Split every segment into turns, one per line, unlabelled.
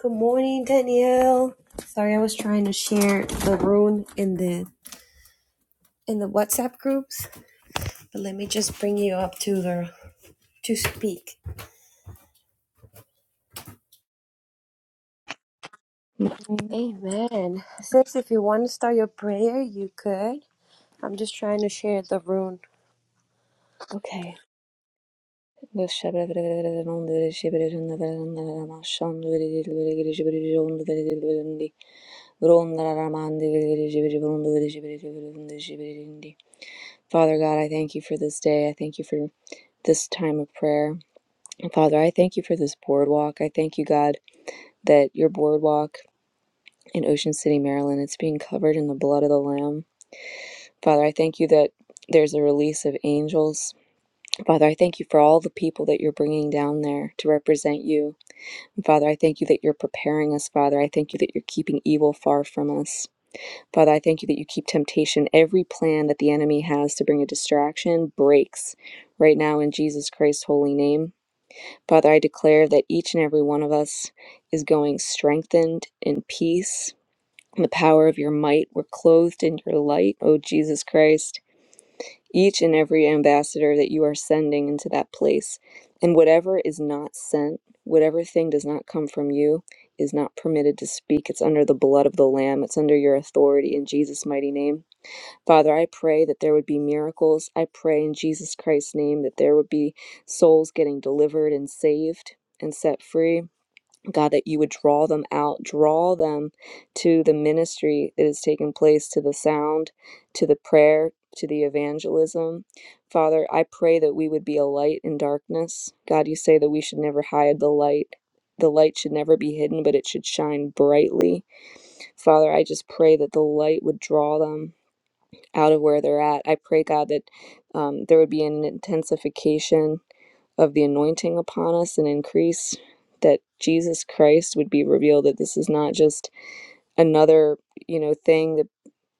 Good morning, Danielle. Sorry, I was trying to share the room in the in the WhatsApp groups, but let me just bring you up to the to speak.
Nine.
Amen. Sis, if you want to start your prayer, you could. I'm just trying to share the room.
Okay. Father God, I thank you for this day. I thank you for this time of prayer. And Father, I thank you for this boardwalk. I thank you, God, that your boardwalk in Ocean City, Maryland, it's being covered in the blood of the Lamb. Father, I thank you that there's a release of angels Father, I thank you for all the people that you're bringing down there to represent you. And Father, I thank you that you're preparing us, Father. I thank you that you're keeping evil far from us. Father, I thank you that you keep temptation. Every plan that the enemy has to bring a distraction breaks right now in Jesus Christ's holy name. Father, I declare that each and every one of us is going strengthened in peace. In the power of your might, we're clothed in your light, O Jesus Christ each and every ambassador that you are sending into that place. And whatever is not sent, whatever thing does not come from you, is not permitted to speak. It's under the blood of the Lamb, it's under your authority in Jesus' mighty name. Father, I pray that there would be miracles. I pray in Jesus Christ's name that there would be souls getting delivered and saved and set free. God, that you would draw them out, draw them to the ministry that is taking place, to the sound, to the prayer, to the evangelism. Father, I pray that we would be a light in darkness. God, you say that we should never hide the light. The light should never be hidden, but it should shine brightly. Father, I just pray that the light would draw them out of where they're at. I pray, God, that um, there would be an intensification of the anointing upon us and increase that Jesus Christ would be revealed that this is not just another, you know, thing that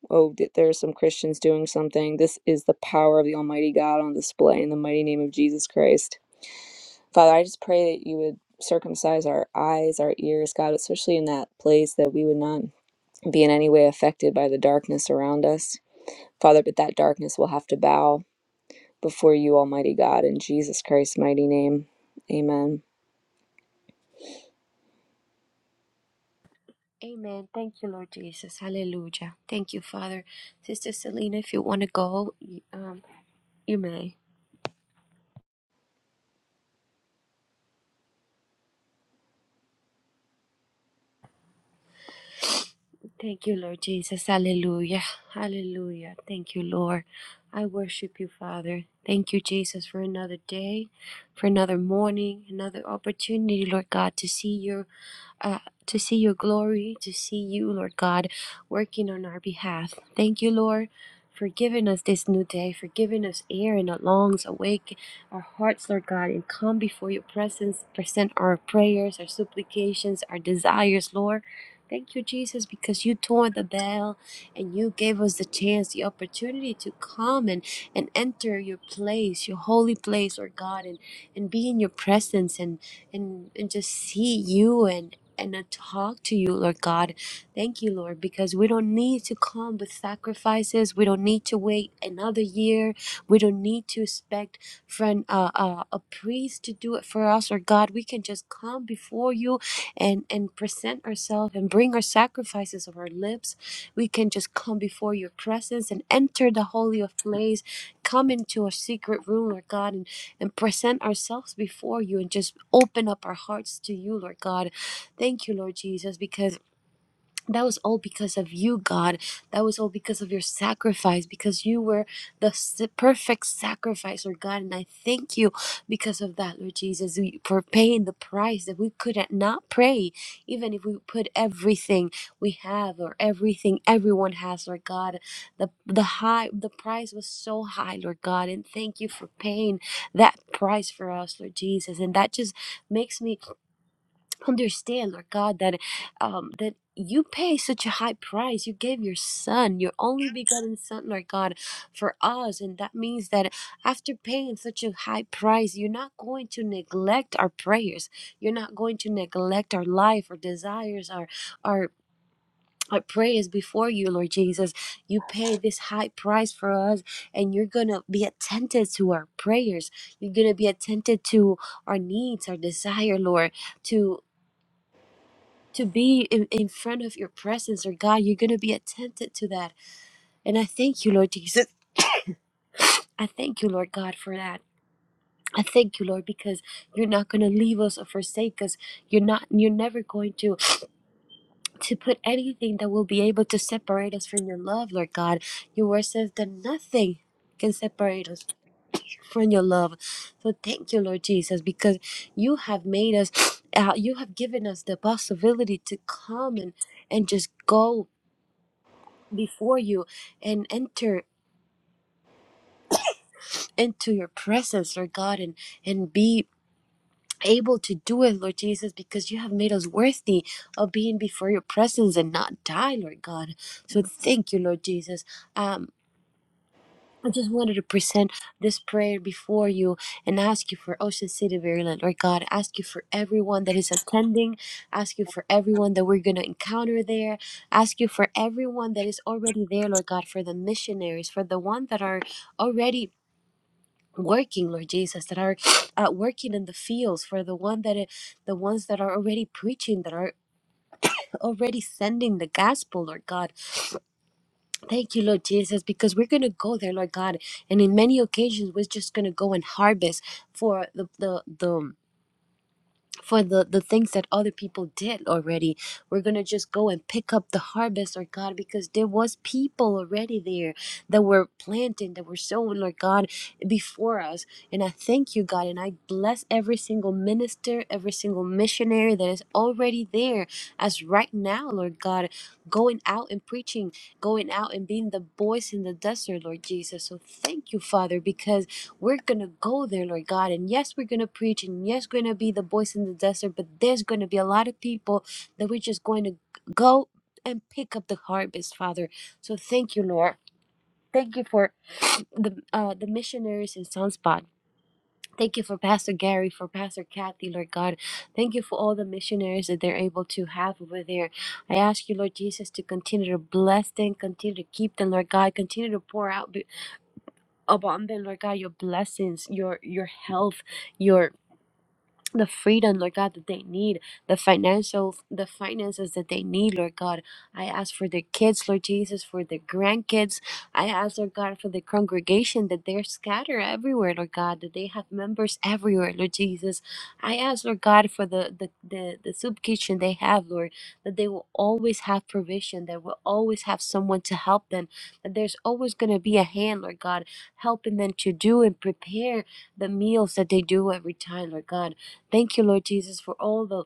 oh there are some Christians doing something. This is the power of the Almighty God on display in the mighty name of Jesus Christ. Father, I just pray that you would circumcise our eyes, our ears, God, especially in that place that we would not be in any way affected by the darkness around us. Father, but that darkness will have to bow before you, Almighty God, in Jesus Christ's mighty name. Amen.
Amen. Thank you, Lord Jesus. Hallelujah. Thank you, Father. Sister Selena, if you want to go, you- um, you may. Thank you, Lord Jesus. Hallelujah. Hallelujah. Thank you, Lord. I worship you, Father. Thank you, Jesus, for another day, for another morning, another opportunity, Lord God, to see your uh, to see your glory, to see you, Lord God, working on our behalf. Thank you, Lord, for giving us this new day, for giving us air in our lungs, awake our hearts, Lord God, and come before your presence, present our prayers, our supplications, our desires, Lord. Thank you, Jesus, because you tore the veil and you gave us the chance, the opportunity to come and, and enter your place, your holy place, Lord God, and, and be in your presence and, and, and just see you and, and uh, talk to you, Lord God. Thank you, Lord, because we don't need to come with sacrifices. We don't need to wait another year. We don't need to expect friend uh, uh, a priest to do it for us or God. We can just come before you and and present ourselves and bring our sacrifices of our lips we can just come before your presence and enter the holy of place come into a secret room lord god and and present ourselves before you and just open up our hearts to you lord god thank you lord jesus because that was all because of you, God. That was all because of your sacrifice, because you were the s- perfect sacrifice, Lord God. And I thank you because of that, Lord Jesus, we- for paying the price that we could not not pray, even if we put everything we have or everything everyone has, Lord God. The the high the price was so high, Lord God, and thank you for paying that price for us, Lord Jesus. And that just makes me understand, Lord God, that um, that you pay such a high price. You gave your son, your only begotten son, Lord God, for us. And that means that after paying such a high price, you're not going to neglect our prayers. You're not going to neglect our life, our desires, our our our prayers before you, Lord Jesus. You pay this high price for us, and you're gonna be attentive to our prayers. You're gonna be attentive to our needs, our desire, Lord. To to be in, in front of your presence, or God, you're going to be attentive to that. And I thank you, Lord Jesus. I thank you, Lord God, for that. I thank you, Lord, because you're not going to leave us or forsake us. You're not. You're never going to to put anything that will be able to separate us from your love, Lord God. Your word says that nothing can separate us from your love. So thank you, Lord Jesus, because you have made us. Uh, you have given us the possibility to come and and just go before you and enter into your presence, Lord God, and and be able to do it, Lord Jesus, because you have made us worthy of being before your presence and not die, Lord God. So thank you, Lord Jesus. Um I just wanted to present this prayer before you and ask you for Ocean City, Maryland, Lord God. Ask you for everyone that is attending. Ask you for everyone that we're going to encounter there. Ask you for everyone that is already there, Lord God, for the missionaries, for the one that are already working lord jesus that are uh, working in the fields for the one that the ones that are already preaching that are already sending the gospel lord god thank you lord jesus because we're gonna go there lord god and in many occasions we're just gonna go and harvest for the the the for the the things that other people did already we're going to just go and pick up the harvest lord god because there was people already there that were planting that were sowing lord god before us and i thank you god and i bless every single minister every single missionary that is already there as right now lord god going out and preaching going out and being the voice in the desert lord jesus so thank you father because we're going to go there, Lord God. And yes, we're going to preach. And yes, we're going to be the voice in the desert. But there's going to be a lot of people that we're just going to go and pick up the harvest, Father. So thank you, Lord. Thank you for the uh, the missionaries in Sunspot. Thank you for Pastor Gary, for Pastor Kathy, Lord God. Thank you for all the missionaries that they're able to have over there. I ask you, Lord Jesus, to continue to bless them, continue to keep them, Lord God. Continue to pour out abundant, Lord God, your blessings, your your health, your the freedom, Lord God, that they need, the financial, the finances that they need, Lord God. I ask for their kids, Lord Jesus, for their grandkids. I ask, Lord God, for the congregation that they're scattered everywhere, Lord God, that they have members everywhere, Lord Jesus. I ask, Lord God, for the the the, the soup kitchen they have, Lord, that they will always have provision, that will always have someone to help them, that there's always gonna be a hand, Lord God, helping them to do and prepare the meals that they do every time, Lord God. Thank you, Lord Jesus, for all the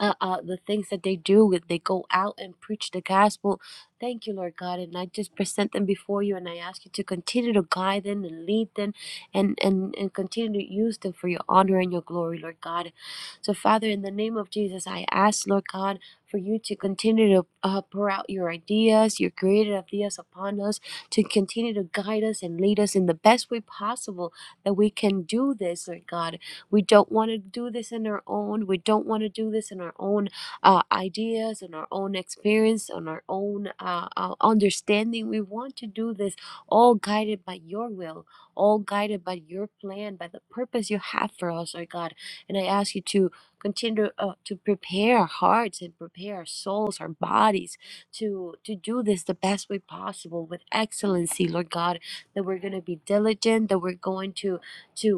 uh, uh, the things that they do. They go out and preach the gospel. Thank you, Lord God, and I just present them before you, and I ask you to continue to guide them and lead them, and and and continue to use them for your honor and your glory, Lord God. So, Father, in the name of Jesus, I ask, Lord God. For you to continue to uh, pour out your ideas, your creative ideas upon us, to continue to guide us and lead us in the best way possible that we can do this, Lord God we don't want to do this in our own. We don't want to do this in our own uh, ideas, on our own experience, on our own uh, uh, understanding. We want to do this all guided by your will, all guided by your plan, by the purpose you have for us, oh God. And I ask you to continue uh, to prepare our hearts and prepare our souls, our bodies to to do this the best way possible with excellency, Lord God. That we're going to be diligent, that we're going to to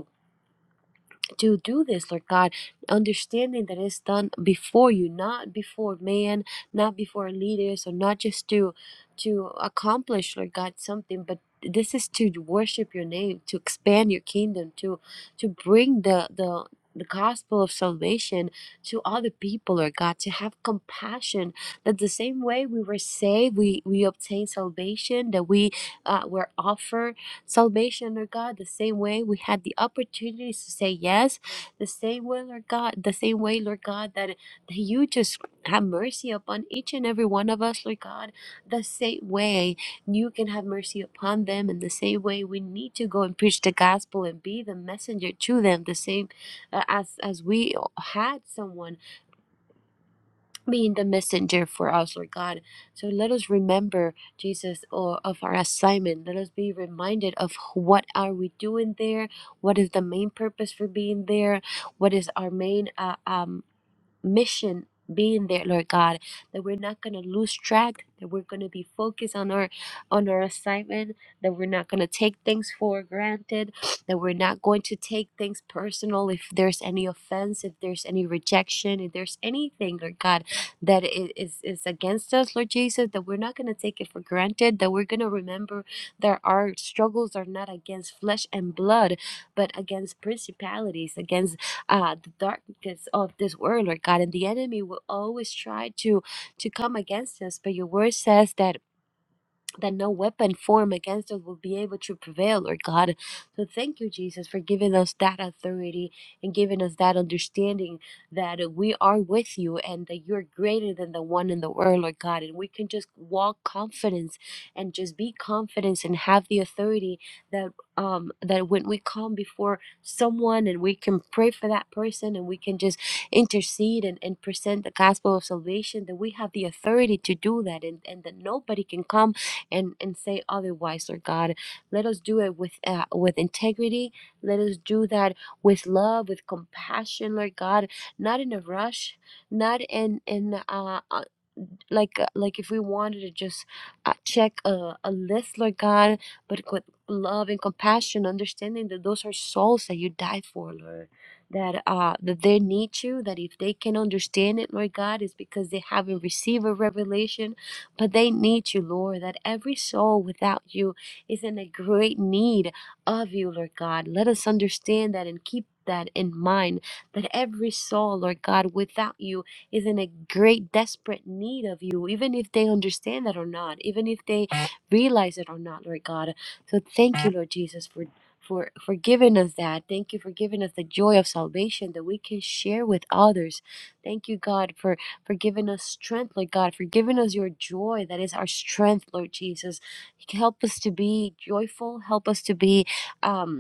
to do this, Lord God, understanding that it's done before you, not before man, not before leaders, or not just to to accomplish, Lord God, something, but this is to worship your name, to expand your kingdom, to to bring the the the gospel of salvation to other people, Lord God, to have compassion. That the same way we were saved, we we obtain salvation, that we uh, were offered salvation, Lord God, the same way we had the opportunities to say yes, the same way, Lord God, the same way, Lord God, that, that you just have mercy upon each and every one of us, Lord God, the same way you can have mercy upon them, and the same way we need to go and preach the gospel and be the messenger to them, the same uh, as as we had someone being the messenger for us, Lord God. So let us remember, Jesus, or of our assignment. Let us be reminded of what are we doing there? What is the main purpose for being there? What is our main uh, um, mission being there lord god that we're not going to lose track that we're going to be focused on our on our assignment that we're not going to take things for granted that we're not going to take things personal if there's any offense if there's any rejection if there's anything lord god that i- is is against us lord jesus that we're not going to take it for granted that we're going to remember that our struggles are not against flesh and blood but against principalities against uh, the darkness of this world, Lord God. And the enemy will always try to to come against us. But your word says that that no weapon formed against us will be able to prevail, Lord God. So thank you, Jesus, for giving us that authority and giving us that understanding that we are with you and that you're greater than the one in the world, Lord God. And we can just walk confidence and just be confident and have the authority that um that when we come before someone and we can pray for that person and we can just intercede and, and present the gospel of salvation, that we have the authority to do that and, and that nobody can come and and say otherwise, Lord God. Let us do it with uh, with integrity. Let us do that with love, with compassion, Lord God. Not in a rush, not in in uh, uh, like uh, like if we wanted to just uh, check a, a list, Lord God, but with love and compassion, understanding that those are souls that you died for, Lord. That uh that they need you. That if they can understand it, Lord God, is because they haven't received a revelation but they need you, Lord, that every soul without you is in a great need of you, Lord God. Let us understand that and keep that in mind that every soul, Lord God, without you is in a great desperate need of you, even if they understand that or not, even if they realize it or not, Lord God. So thank you, Lord Jesus, for for for giving us that. Thank you for giving us the joy of salvation that we can share with others. Thank you, God, for for giving us strength, Lord God, for giving us your joy that is our strength, Lord Jesus. Help us to be joyful. Help us to be. Um,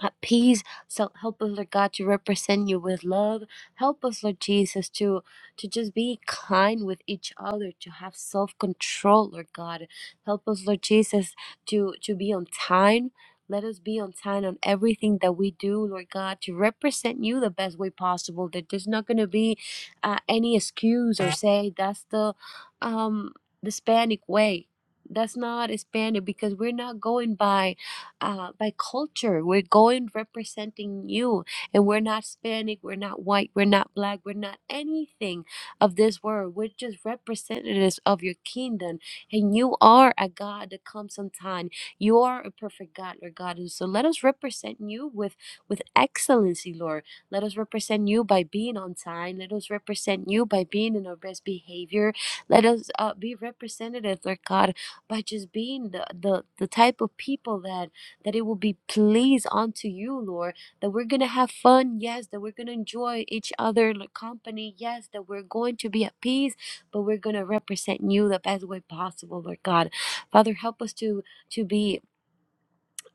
at peace. So help us, Lord God, to represent you with love. Help us, Lord Jesus, to to just be kind with each other, to have self-control, Lord God. Help us, Lord Jesus, to to be on time. Let us be on time on everything that we do, Lord God, to represent you the best way possible. That there's not going to be uh, any excuse or say that's the um, the Hispanic way. That's not Hispanic because we're not going by uh, by culture. We're going representing you, and we're not Hispanic, we're not white, we're not black, we're not anything of this world. We're just representatives of your kingdom, and you are a God that comes on time. You are a perfect God, Lord God, and so let us represent you with with excellency, Lord. Let us represent you by being on time. Let us represent you by being in our best behavior. Let us uh, be representative, Lord God, by just being the, the the type of people that that it will be pleased unto you, Lord, that we're going to have fun, yes, that we're going to enjoy each other like, company, yes, that we're going to be at peace, but we're going to represent you the best way possible, Lord God. Father, help us to to be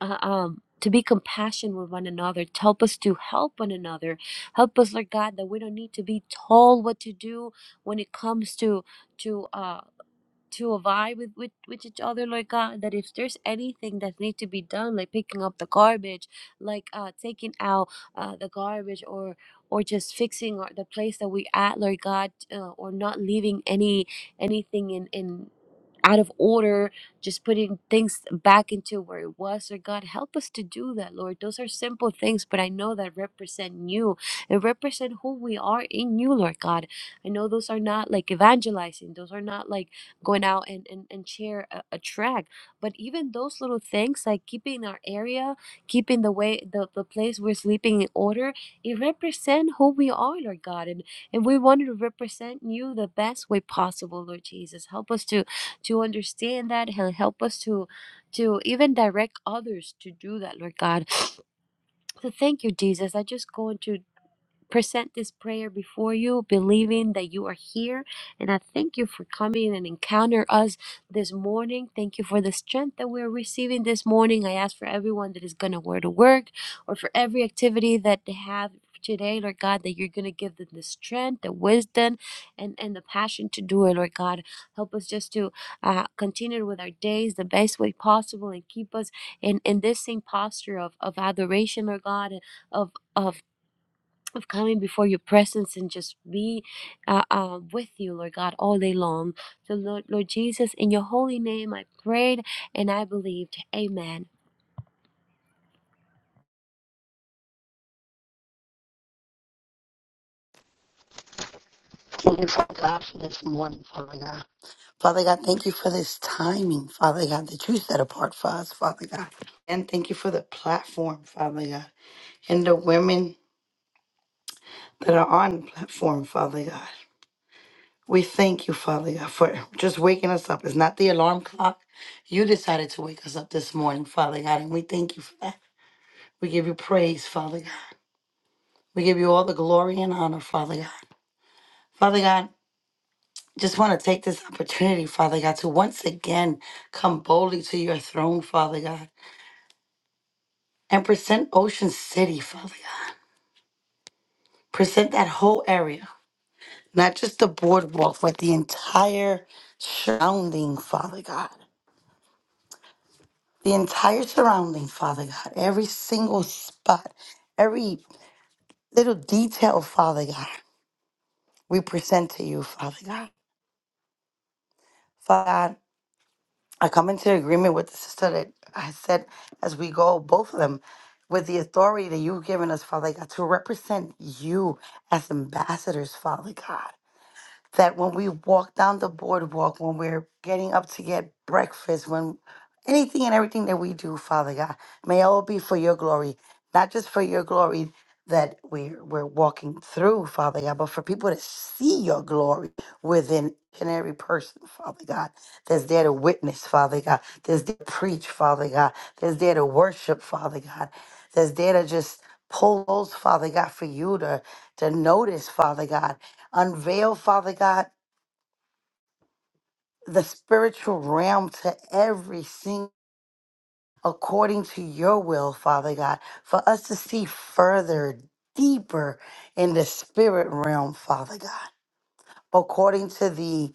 uh, um to be compassionate with one another, help us to help one another, help us, Lord God, that we don't need to be told what to do when it comes to to uh, to vie with, with with each other like God that if there's anything that needs to be done like picking up the garbage like uh taking out uh the garbage or or just fixing or the place that we at Lord God uh, or not leaving any anything in in out of order, just putting things back into where it was. Or God, help us to do that, Lord. Those are simple things, but I know that represent you and represent who we are in you, Lord God. I know those are not like evangelizing, those are not like going out and, and, and share a, a track. But even those little things, like keeping our area, keeping the way the, the place we're sleeping in order, it represent who we are, Lord God. And and we wanted to represent you the best way possible, Lord Jesus. Help us to to understand that and help us to to even direct others to do that lord god so thank you jesus i just go into present this prayer before you, believing that you are here. And I thank you for coming and encounter us this morning. Thank you for the strength that we're receiving this morning. I ask for everyone that is going to wear to work or for every activity that they have today, Lord God, that you're going to give them the strength, the wisdom, and, and the passion to do it, Lord God. Help us just to uh, continue with our days the best way possible and keep us in, in this same posture of, of adoration, Lord God, of, of of coming before your presence and just be uh, uh, with you, Lord God, all day long. So, Lord, Lord Jesus, in your holy name, I prayed and I believed. Amen.
Thank you, Father God, for this morning, Father God. Father God, thank you for this timing, Father God, that you set apart for us, Father God. And thank you for the platform, Father God, and the women that are on the platform, Father God. We thank you, Father God, for just waking us up. It's not the alarm clock. You decided to wake us up this morning, Father God, and we thank you for that. We give you praise, Father God. We give you all the glory and honor, Father God. Father God, just want to take this opportunity, Father God, to once again come boldly to your throne, Father God, and present Ocean City, Father God. Present that whole area, not just the boardwalk, but the entire surrounding, Father God. The entire surrounding, Father God. Every single spot, every little detail, Father God, we present to you, Father God. Father God, I come into agreement with the sister that I said as we go, both of them, with the authority that you've given us, Father God, to represent you as ambassadors, Father God that when we walk down the boardwalk, when we're getting up to get breakfast, when anything and everything that we do, Father God, may all be for your glory, not just for your glory that we're, we're walking through, Father God, but for people to see your glory within each and every person, Father God, that's there to witness, Father God, that's there to preach, Father God, that's there to worship, Father God, that's there to just pull those, Father God, for you to, to notice, Father God Unveil, Father God, the spiritual realm to every single according to your will, Father God, for us to see further, deeper in the spirit realm, Father God, according to the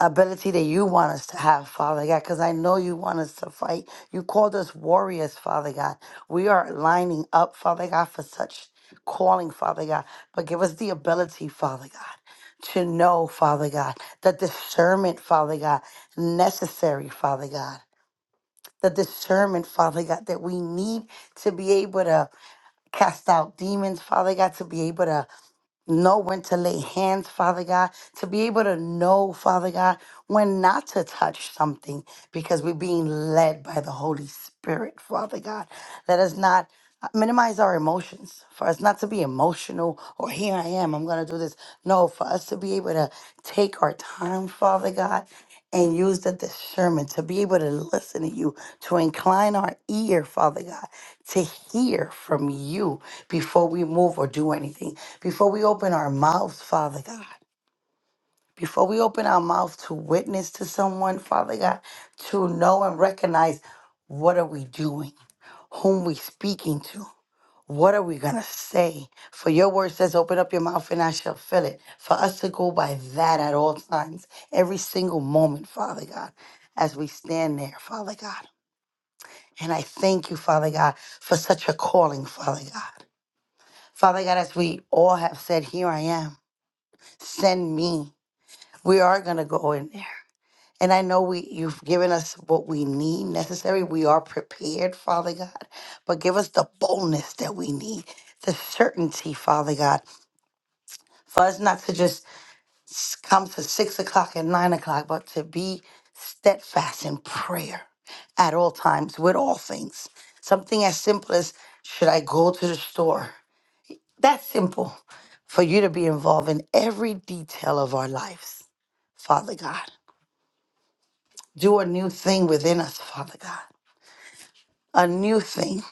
ability that you want us to have, Father God, because I know you want us to fight. You called us warriors, Father God. We are lining up, Father God, for such calling, Father God. But give us the ability, Father God, to know, Father God, the discernment, Father God, necessary, Father God. The discernment, Father God, that we need to be able to cast out demons, Father God, to be able to know when to lay hands, Father God, to be able to know, Father God, when not to touch something because we're being led by the Holy Spirit, Father God. Let us not uh, minimize our emotions, for us not to be emotional or here I am, I'm going to do this. No, for us to be able to take our time, Father God. And use the discernment to be able to listen to you, to incline our ear, Father God, to hear from you before we move or do anything, before we open our mouths, Father God. Before we open our mouths to witness to someone, Father God, to know and recognize what are we doing, whom we speaking to, what are we gonna say? For your word says, "Open up your mouth and I shall fill it." For us to go by that at all times, every single moment, Father God, as we stand there, Father God. And I thank you, Father God, for such a calling, Father God. Father God, as we all have said, here I am, send me. We are going to go in there. And I know we you've given us what we need necessary. We are prepared, Father God. But give us the boldness that we need, the certainty, Father God, for us not to just s- come to six o'clock and nine o'clock, but to be steadfast in prayer at all times with all things. Something as simple as should I go to the store? That's simple for you to be involved in every detail of our lives, Father God. Do a new thing within us, Father God. A new thing.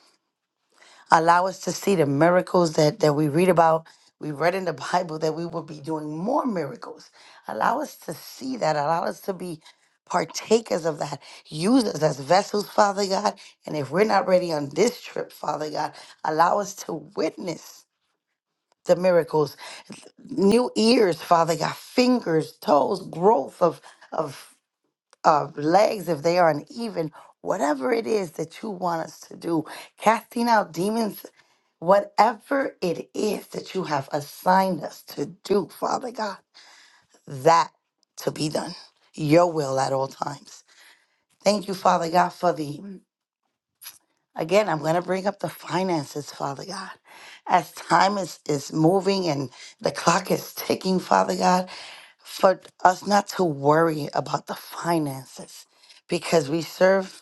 Allow us to see the miracles that, that we read about. We read in the Bible that we will be doing more miracles. Allow us to see that. Allow us to be partakers of that. Use us as vessels, Father God. And if we're not ready on this trip, Father God, allow us to witness the miracles new ears, Father God, fingers, toes, growth of of of legs if they are uneven, whatever it is that you want us to do, casting out demons, whatever it is that you have assigned us to do, Father God, that to be done. Your will at all times. Thank you, Father God, for the again, I'm gonna bring up the finances, Father God. As time is, is moving and the clock is ticking, Father God. for us not to worry about the finances because we serve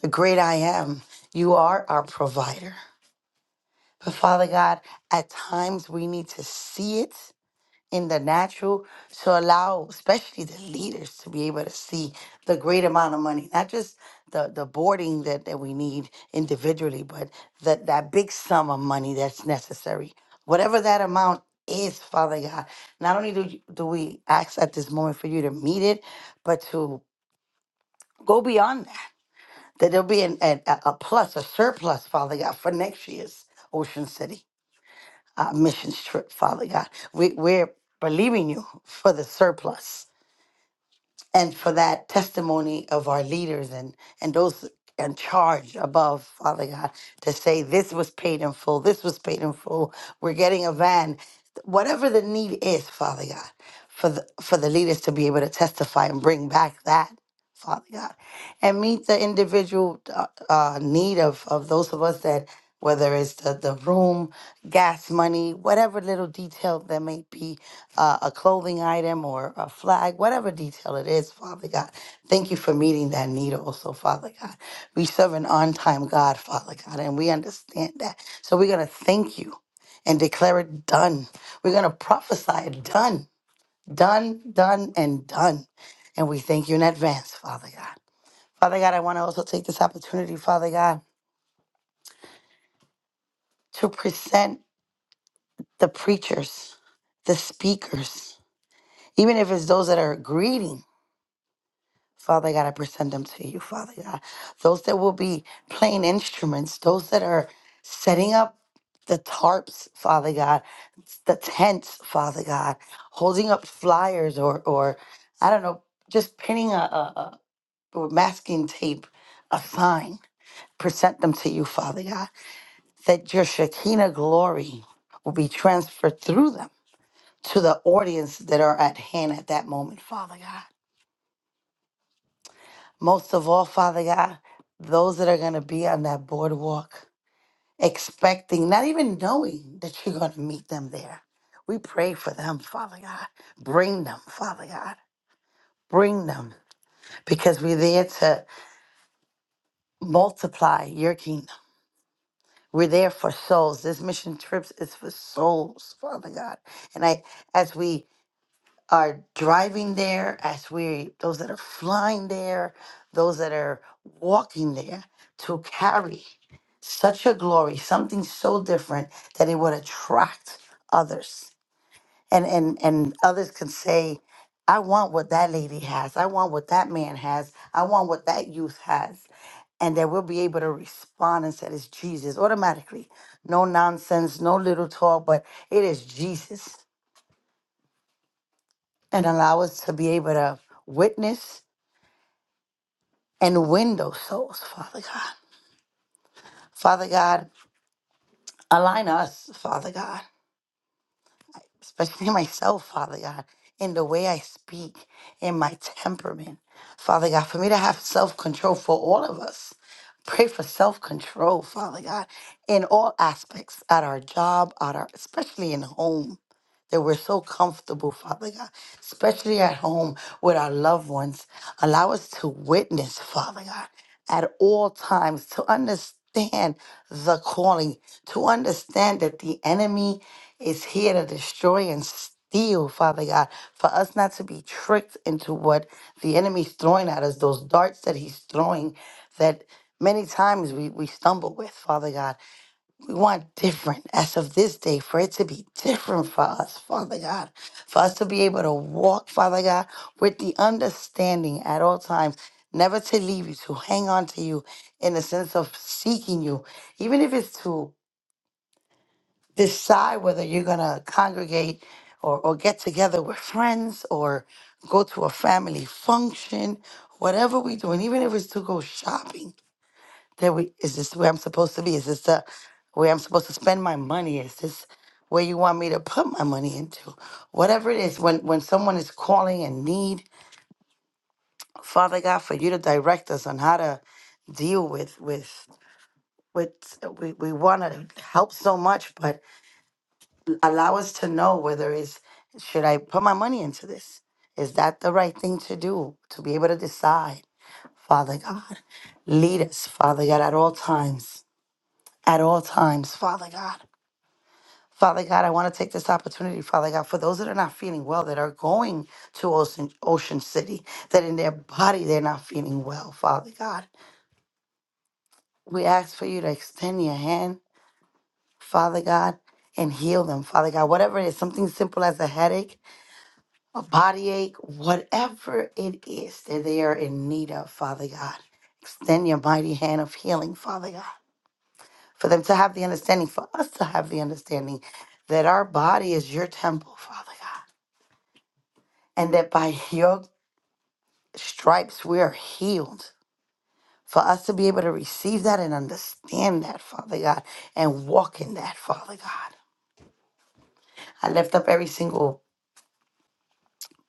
the great I am. You are our provider. But Father God, at times we need to see it in the natural to allow especially the leaders to be able to see the great amount of money not just the the boarding that, that we need individually but that that big sum of money that's necessary whatever that amount is father god not only do, you, do we ask at this moment for you to meet it but to go beyond that that there'll be an, an, a a plus a surplus father god for next year's ocean city uh, missions trip, Father God. We, we're believing you for the surplus and for that testimony of our leaders and, and those in charge above, Father God, to say this was paid in full, this was paid in full, we're getting a van, whatever the need is, Father God, for the, for the leaders to be able to testify and bring back that, Father God and meet the individual uh, uh, need of, of those of us that whether it's the, the room gas money whatever little detail there may be uh, a clothing item or a flag whatever detail it is father god thank you for meeting that need also father god we serve an on-time god father god and we understand that so we're going to thank you and declare it done we're going to prophesy it done done done and done and we thank you in advance father god Father God, I want to also take this opportunity, Father God, to present the preachers, the speakers, even if it's those that are greeting. Father God, I present them to you, Father God. Those that will be playing instruments, those that are setting up the tarps, Father God, the tents, Father God, holding up flyers or, or I don't know, just pinning a, a, a or masking tape, a sign. Present them to you, Father God. that your Shekinah glory will be transferred through them to the audience that are at hand at that moment, Father God. Most of all, Father God, those that are going to be on that boardwalk, expecting, not even knowing that you're going to meet them there. We pray for them, Father God. Bring them, Father God. Bring them because we're there to multiply your kingdom. We're there for souls. This mission trips is for souls, Father God. And I, as we are driving there, as we those that are flying there, those that are walking there to carry such a glory, something so different that it would attract others. And and and others can say, I want what that lady has. I want what that man has. I want what that youth has. And that we'll be able to respond and say it's Jesus automatically. No nonsense, no little talk, but it is Jesus and allow us to be able to witness and win those souls, Father God. Father God, align us, Father God. especially myself, Father God, in the way I speak, in my temperament. Father God, for me to have self control for all of us. Pray for self control, Father God, in all aspects, at our job, at our especially in home. That we're so comfortable, Father God, especially at home with our loved ones. Allow us to witness, Father God, at all times, to understand the calling, to understand that the enemy is here to destroy and steal, Father God, for us not to be tricked into what the enemy's throwing at us, those darts that he's throwing that many times we, we stumble with, Father God. We want different as of this day for it to be different for us, Father God, for us to be able to walk, Father God, with the understanding at all times. Never to leave you, to hang on to you in the sense of seeking you, even if it's to decide whether you're going to congregate or, or get together with friends or go to a family function, whatever we do, and even if it's to go shopping, that we is this where I'm supposed to be? Is this the where I'm supposed to spend my money? Is this where you want me to put my money into? Whatever it is, when when someone is calling in need, Father God, for you to direct us on how to deal with with with we, we want to help so much, but allow us to know whether it's should I put my money into this? Is that the right thing to do? To be able to decide, Father God. Lead us, Father God, at all times. At all times, Father God. Father God, I want to take this opportunity, Father God, for those that are not feeling well, that are going to Ocean, Ocean City, that in their body they're not feeling well, Father God. We ask for you to extend your hand, Father God, and heal them, Father God. Whatever it is, something simple as a headache, a body ache, whatever it is that they are in need of, Father God. Extend your mighty hand of healing, Father God, for them to have the understanding, for us to have the understanding that our body is your temple, Father God, and that by your stripes we are healed. For us to be able to receive that and understand that, Father God, and walk in that, Father God. I lift up every single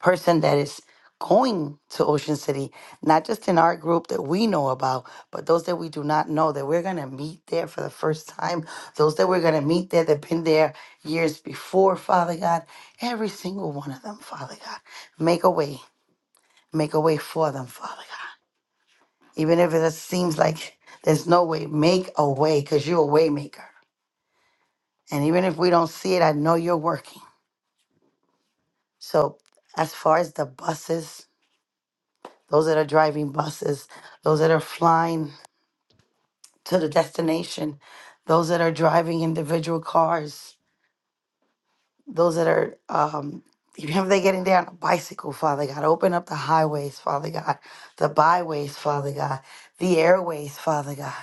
person that is going to Ocean City, not just in our group that we know about, but those that we do not know that we're going to meet there for the first time, those that we're going to meet there that have been there years before, Father God, every single one of them, Father God, make a way, make a way for them, Father God. Even if it seems like there's no way, make a way because you're a way maker. And even if we don't see it, I know you're working. So as far as the buses, those that are driving buses, those that are flying to the destination, those that are driving individual cars, those that are, um, even if they're getting there on a bicycle, Father God, open up the highways, Father God, the byways, Father God, the airways, Father God.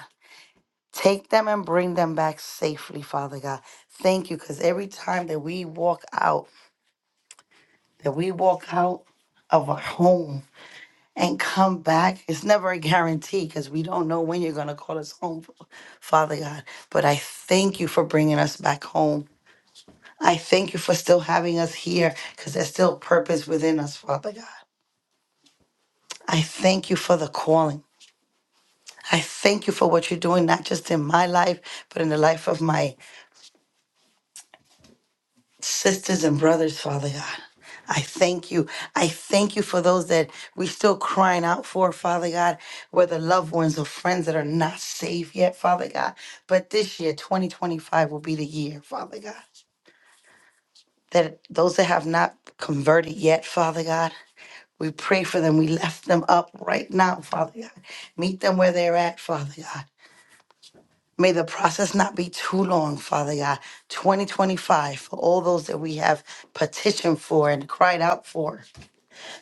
Take them and bring them back safely, Father God. Thank you, because every time that we walk out, that we walk out of our home, and come back. It's never a guarantee because we don't know when you're going to call us home, Father God. But I thank you for bringing us back home. I thank you for still having us here because there's still purpose within us, Father God. I thank you for the calling. I thank you for what you're doing, not just in my life, but in the life of my sisters and brothers, Father God. I thank you. I thank you for those that we still crying out for, Father God, whether loved ones or friends that are not saved yet, Father God. But this year, 2025, will be the year, Father God. That those that have not converted yet, Father God, we pray for them. We lift them up right now, Father God. Meet them where they're at, Father God. May the process not be too long, Father God. 2025, for all those that we have petitioned for and cried out for,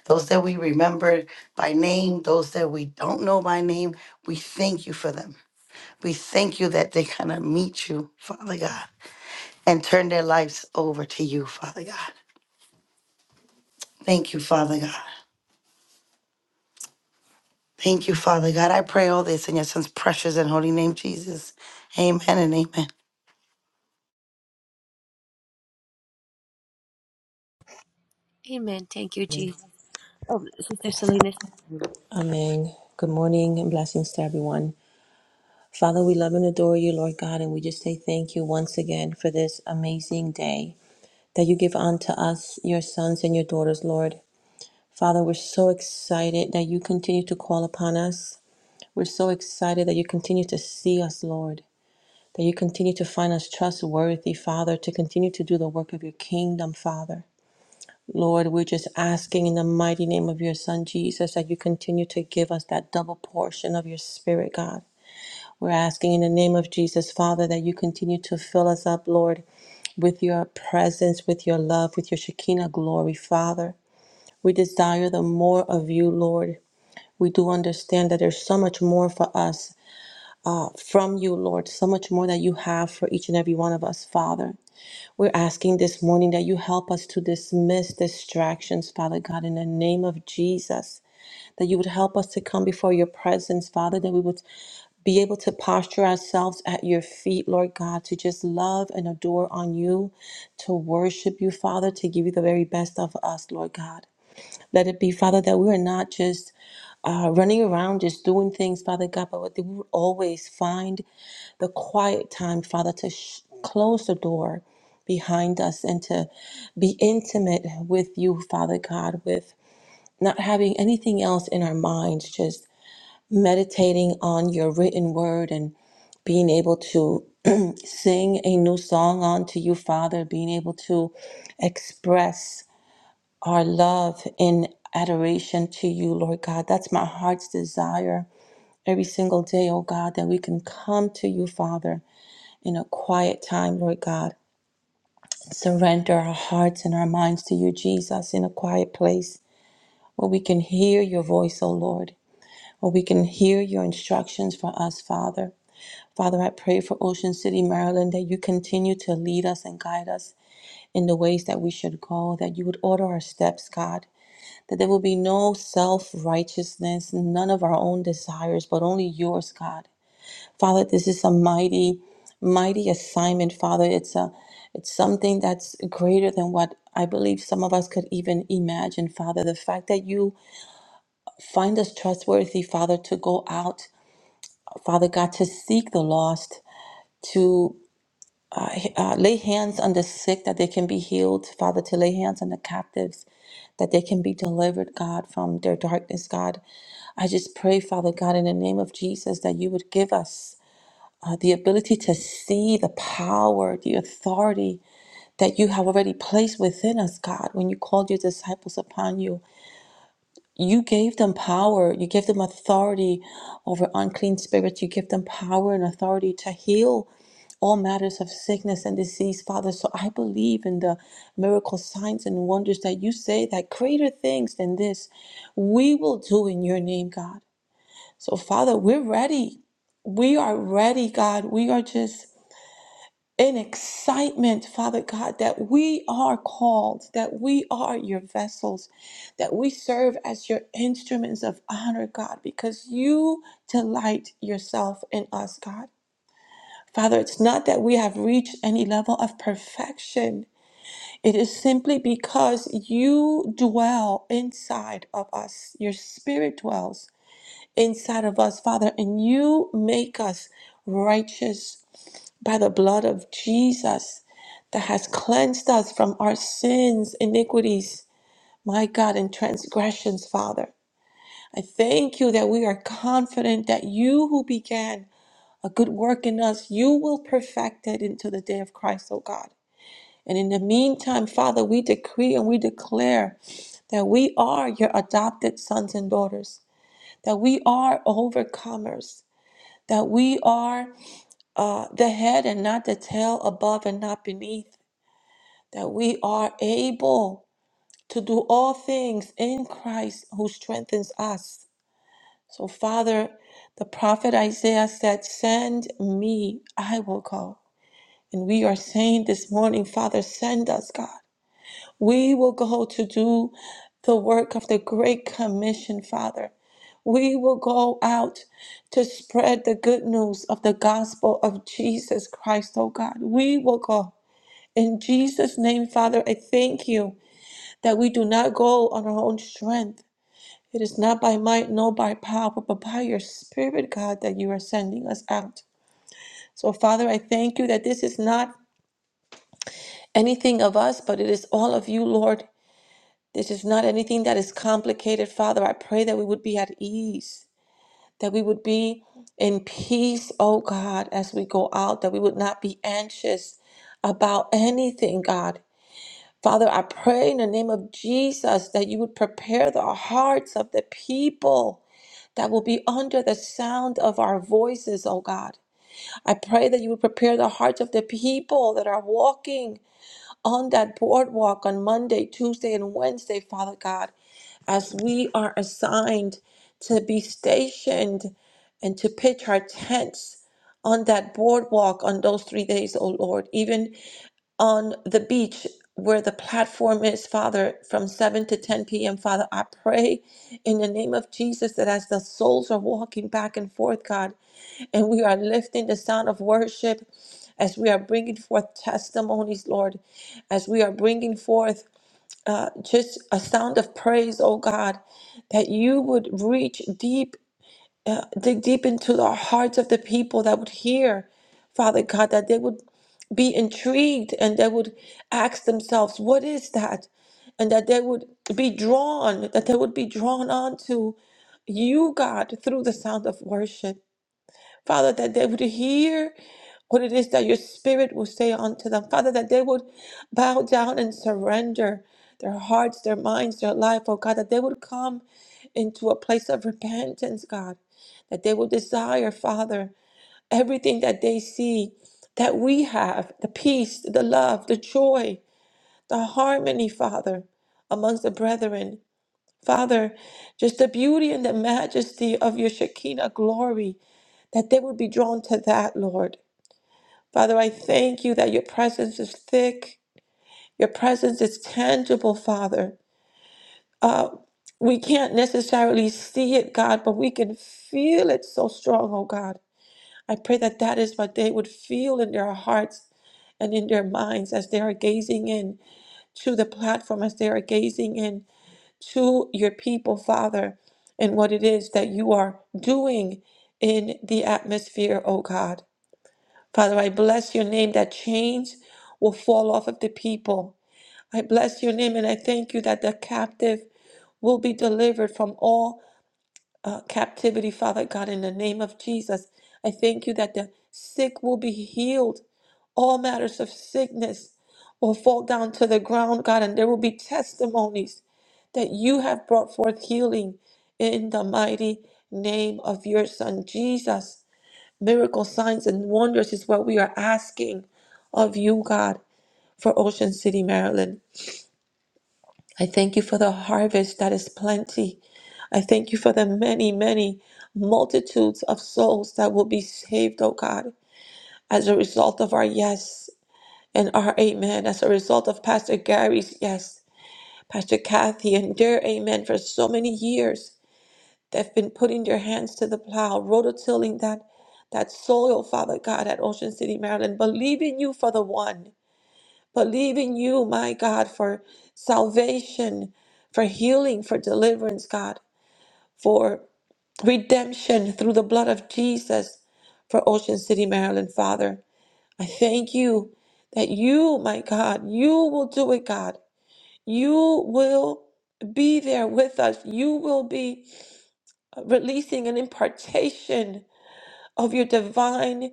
those that we remember by name, those that we don't know by name, we thank you for them. We thank you that they're going to meet you, Father God, and turn their lives over to you, Father God. Thank you, Father God. Thank you, Father God. I pray all this in your son's precious and holy name, Jesus. Amen and amen.
Amen. Thank you, Jesus. Oh, Sister Selena.
Amen. Good morning and blessings to everyone. Father, we love and adore you, Lord God, and we just say thank you once again for this amazing day that you give unto us, your sons and your daughters, Lord. Father, we're so excited that you continue to call upon us. We're so excited that you continue to see us, Lord, that you continue to find us trustworthy, Father, to continue to do the work of your kingdom, Father. Lord, we're just asking in the mighty name of your Son, Jesus, that you continue to give us that double portion of your Spirit, God. We're asking in the name of Jesus, Father, that you continue to fill us up, Lord, with your presence, with your love, with your Shekinah glory, Father. We desire the more of you, Lord. We do understand that there's so much more for us uh, from you, Lord, so much more that you have for each and every one of us, Father. We're asking this morning that you help us to dismiss distractions, Father God, in the name of Jesus. That you would help us to come before your presence, Father, that we would be able to posture ourselves at your feet, Lord God, to just love and adore on you, to worship you, Father, to give you the very best of us, Lord God. Let it be, Father, that we are not just uh, running around, just doing things, Father God, but that we would always find the quiet time, Father, to sh- close the door behind us and to be intimate with you, Father God, with not having anything else in our minds, just meditating on your written word and being able to sing a new song unto you, Father, being able to express our love in adoration to you, Lord God. That's my heart's desire every single day, oh God, that we can come to you, Father, in a quiet time, Lord God. Surrender our hearts and our minds to you, Jesus, in a quiet place where we can hear your voice, oh Lord, where we can hear your instructions for us, Father. Father, I pray for Ocean City, Maryland, that you continue to lead us and guide us in the ways that we should go, that you would order our steps, God. that there will be no self righteousness, none of our own desires, but only yours, God. Father, this is a mighty, mighty assignment, Father. It's a it's something that's greater than what I believe some of us could even imagine, Father. The fact that you find us trustworthy, Father, to go out, Father God, to seek the lost, to. I- uh, lay hands on the sick that they can be healed, Father, to lay hands on the captives that they can be delivered, God, from their darkness, God. I just pray, Father God, in the name of Jesus, that you would give us uh, the ability to see the power, the authority that you have already placed within us, God. When you called your disciples upon you, you gave them power, you gave them authority over unclean spirits, you give them power and authority to heal all matters of sickness and disease, Father. So I believe in the miracle signs and wonders that you say that greater things than this we will do in your name, God. So, Father, we're ready. We are ready, God. We are just in excitement, Father God, that we are called, that we are your vessels, that we serve as your instruments of honor, God, because you delight yourself in us, God. Father, it's not that we have reached any level of perfection. It is simply because you dwell inside of us. Your spirit dwells inside of us, Father, and you make us righteous by the blood of Jesus that has cleansed us from our sins, iniquities, my God, and transgressions, Father. I thank you that we are confident that you who began a good work in us, you will perfect it until the day of Christ, O God. And in the meantime, Father, we decree and we declare that we are your adopted sons and daughters, that we are overcomers, that we are uh, the head and not the tail, above and not beneath, that we are able to do all things in Christ who strengthens us. So, Father, the prophet Isaiah said, Send me, I will go. And we are saying this morning, Father, send us, God. We will go to do the work of the Great Commission, Father. We will go out to spread the good news of the gospel of Jesus Christ, oh God. We will go. In Jesus' name, Father, I thank you that we do not go on our own strength. It is not by might, nor by power, but by your Spirit, God, that you are sending us out. So, Father, I thank you that this is not anything of us, but it is all of you, Lord. This is not anything that is complicated, Father. I pray that we would be at ease, that we would be in peace, oh God, as we go out, that we would not be anxious about anything, God. Father, I pray in the name of Jesus that you would prepare the hearts of the people that will be under the sound of our voices, oh God. I pray that you would prepare the hearts of the people that are walking on that boardwalk on Monday, Tuesday, and Wednesday, Father God, as we are assigned to be stationed and to pitch our tents on that boardwalk on those three days, O Lord, even on the beach where the platform is, Father, from 7 to 10 p.m. Father, I pray in the name of Jesus that as the souls are walking back and forth, God, and we are lifting the sound of worship, as we are bringing forth testimonies, Lord, as we are bringing forth uh, just a sound of praise, oh God, that you would reach deep, uh, dig deep into the hearts of the people that would hear. Father God, that they would be intrigued and they would ask themselves, what is that? And that they would be drawn, that they would be drawn onto you, God, through the sound of worship. Father, that they would hear what it is that your spirit will say unto them. Father, that they would bow down and surrender their hearts, their minds, their life, oh God, that they would come into a place of repentance, God, that they would desire, Father everything that they see that we have the peace, the love, the joy, the harmony, Father, amongst the brethren. Father, just the beauty and the majesty of your Shekinah glory, that they would be drawn to that, Lord. Father, I thank you that your presence is thick, your presence is tangible, Father. Uh, we can't necessarily see it, God, but we can feel it so strong, oh God. I pray that that is what they would feel in their hearts and in their minds as they are gazing in to the platform, as they are gazing in to your people, Father, and what it is that you are doing in the atmosphere, oh God. Father, I bless your name that chains will fall off of the people. I bless your name and I thank you that the captive will be delivered from all uh, captivity, Father God, in the name of Jesus. I thank you that the sick will be healed, all matters of sickness will fall down to the ground, God, and there will be testimonies that you have brought forth healing in the mighty name of your Son, Jesus. Miracle signs and wonders is what we are asking of you, God, for Ocean City, Maryland. I thank you for the harvest that is plenty. I thank you for the many, many multitudes of souls that will be saved, oh God, as a result of our yes and our amen, as a result of Pastor Gary's yes, Pastor Kathy and their amen for so many years. They've been putting their hands to the plow, rototilling that that soil, oh Father God, at Ocean City, Maryland, believing you for the one, believing you, my God, for salvation, for healing, for deliverance, God, for redemption through the blood of Jesus for Ocean City, Maryland, Father. I thank you that you, my God, you will do it, God. You will be there with us. You will be releasing an impartation of your divine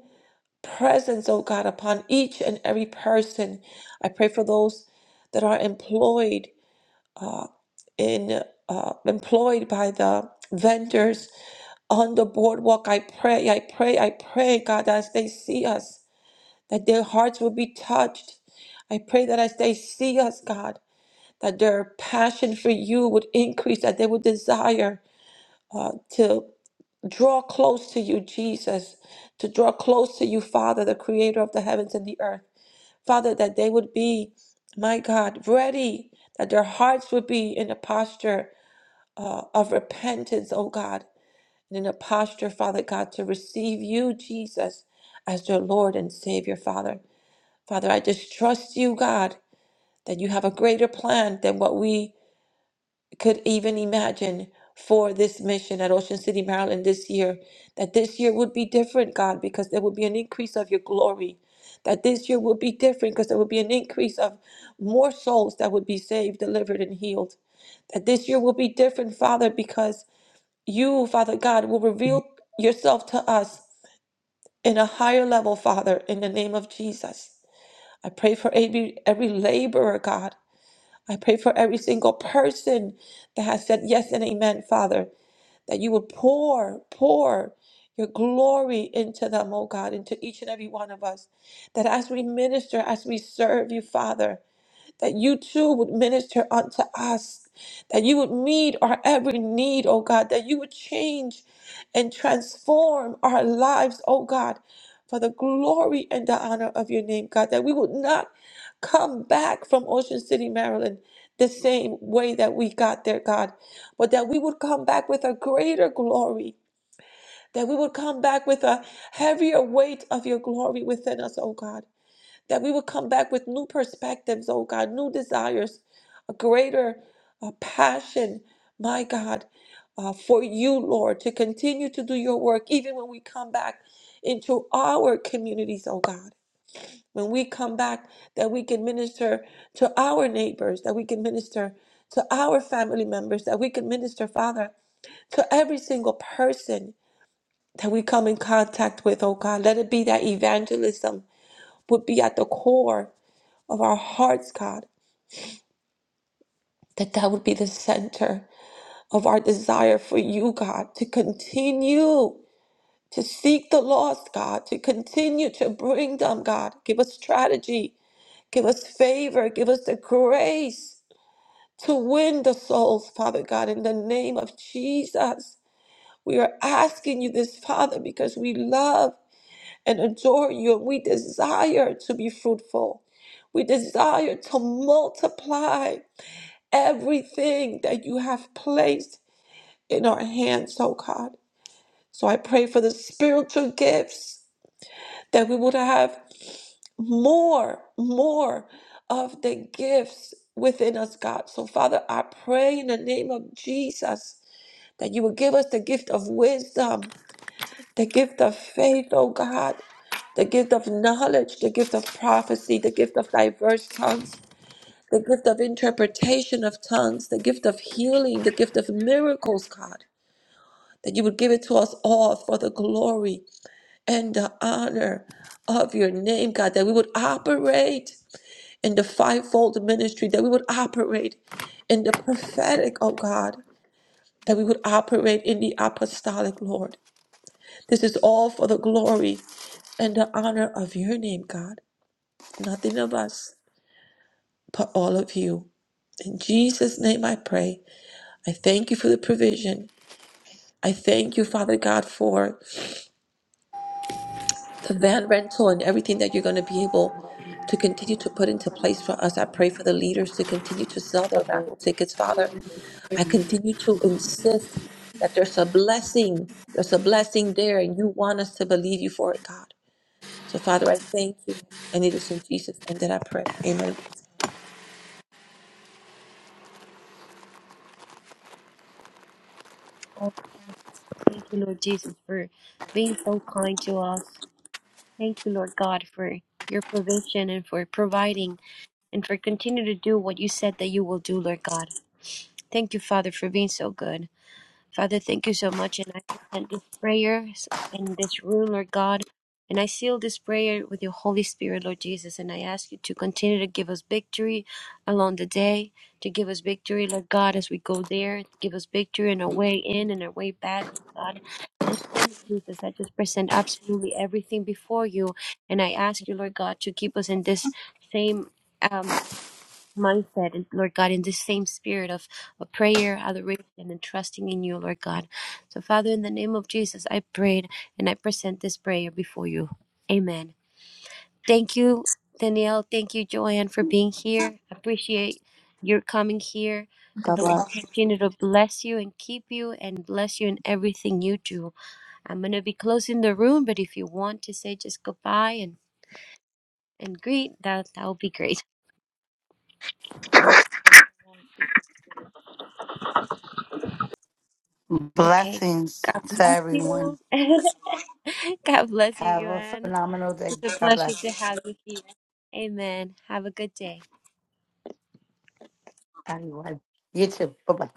presence, oh God, upon each and every person. I pray for those that are employed uh, in uh, employed by the vendors on the boardwalk. I pray, I pray, I pray, God, as they see us, that their hearts will be touched. I pray that as they see us, God, that their passion for you would increase, that they would desire uh, to draw close to you, Jesus, to draw close to you, Father, the creator of the heavens and the earth. Father, that they would be, my God, ready, that their hearts would be in a posture uh, of repentance, oh God and in a posture, Father God, to receive you, Jesus, as your Lord and Savior, Father. Father, I just trust you, God, that you have a greater plan than what we could even imagine for this mission at Ocean City, Maryland this year. That this year would be different, God, because there would be an increase of your glory. That this year would be different because there would be an increase of more souls that would be saved, delivered, and healed. That this year will be different, Father, because you, Father God, will reveal yourself to us in a higher level, Father, in the name of Jesus. I pray for every, every laborer, God. I pray for every single person that has said yes and amen, Father, that you would pour, pour your glory into them, oh God, into each and every one of us. That as we minister, as we serve you, Father, that you too would minister unto us, that you would meet our every need, oh God, that you would change and transform our lives, oh God, for the glory and the honor of your name, God, that we would not come back from Ocean City, Maryland. The same way that we got there, God, but that we would come back with a greater glory, that we would come back with a heavier weight of your glory within us, oh God that we would come back with new perspectives, oh God, new desires, a greater uh, passion, my God, uh, for you, Lord, to continue to do your work, even when we come back into our communities, oh God. When we come back, that we can minister to our neighbors, that we can minister to our family members, that we can minister, Father, to every single person that we come in contact with, oh God. Let it be that evangelism would be at the core of our hearts, God, that that would be the center of our desire for you, God, to continue to seek the lost, God, to continue to bring them, God. Give us strategy, give us favor, give us the grace to win the souls, Father God, in the name of Jesus. We are asking you this, Father, because we love and adore you and we desire to be fruitful. We desire to multiply everything that you have placed in our hands, oh God. So I pray for the spiritual gifts that we would have more, more of the gifts within us, God. So, Father, I pray in the name of Jesus that you will give us the gift of wisdom, the gift of faith, oh God, the gift of knowledge, the gift of prophecy, the gift of diverse tongues. the gift of interpretation of tongues, the gift of healing, the gift of miracles, God, that you would give it to us all for the glory and the honor of your name, God, that we would operate in the fivefold ministry, that we would operate in the prophetic, oh God, that we would operate in the apostolic, Lord. This is all for the glory and the honor of your name, God. Nothing of us, but all of you. In Jesus' name I pray. I thank you for the provision. I thank you, Father God, for the van rental and everything that you're going to be able to continue to put into place for us. I pray for the leaders to continue to sell their raffle tickets, Father. I continue to insist that there's a blessing. There's a blessing there, and you want us to believe you for it, God. So, Father, I thank you. And it is in Jesus' name that I pray. Amen.
Oh, thank you, Lord Jesus, for being so kind to us. Thank you, Lord God, for your provision and for providing and for continue to do what you said that you will do, Lord God. Thank you, Father, for being so good. Father, thank you so much. And I present this prayer in this room, Lord God. And I seal this prayer with your Holy Spirit, Lord Jesus. And I ask you to continue to give us victory along the day, to give us victory, Lord God, as we go there. Give us victory on our way in and our way back, Lord God. And in the name of Jesus, I just present absolutely everything before you. And I ask you, Lord God, to keep us in this same. Um, mindset, and Lord God, in the same spirit of, of prayer, adoration, and trusting in you, Lord God. So, Father, in the name of Jesus, I prayed and I present this prayer before you. Amen. Thank you, Danielle. Thank you, Joanne, for being here. Appreciate your coming here. And
God
the
bless.
Lord continue to bless you and keep you and bless you in everything you do. I'm gonna be closing the room, but if you want to say just goodbye and and greet, that that would be great. Okay.
Blessings to
Thank
everyone.
you. God bless you,
Have a
Joanne.
phenomenal day.
It's a
God
pleasure to
bless
have you here. Amen. Have a good day.
everyone. You too. Bye bye.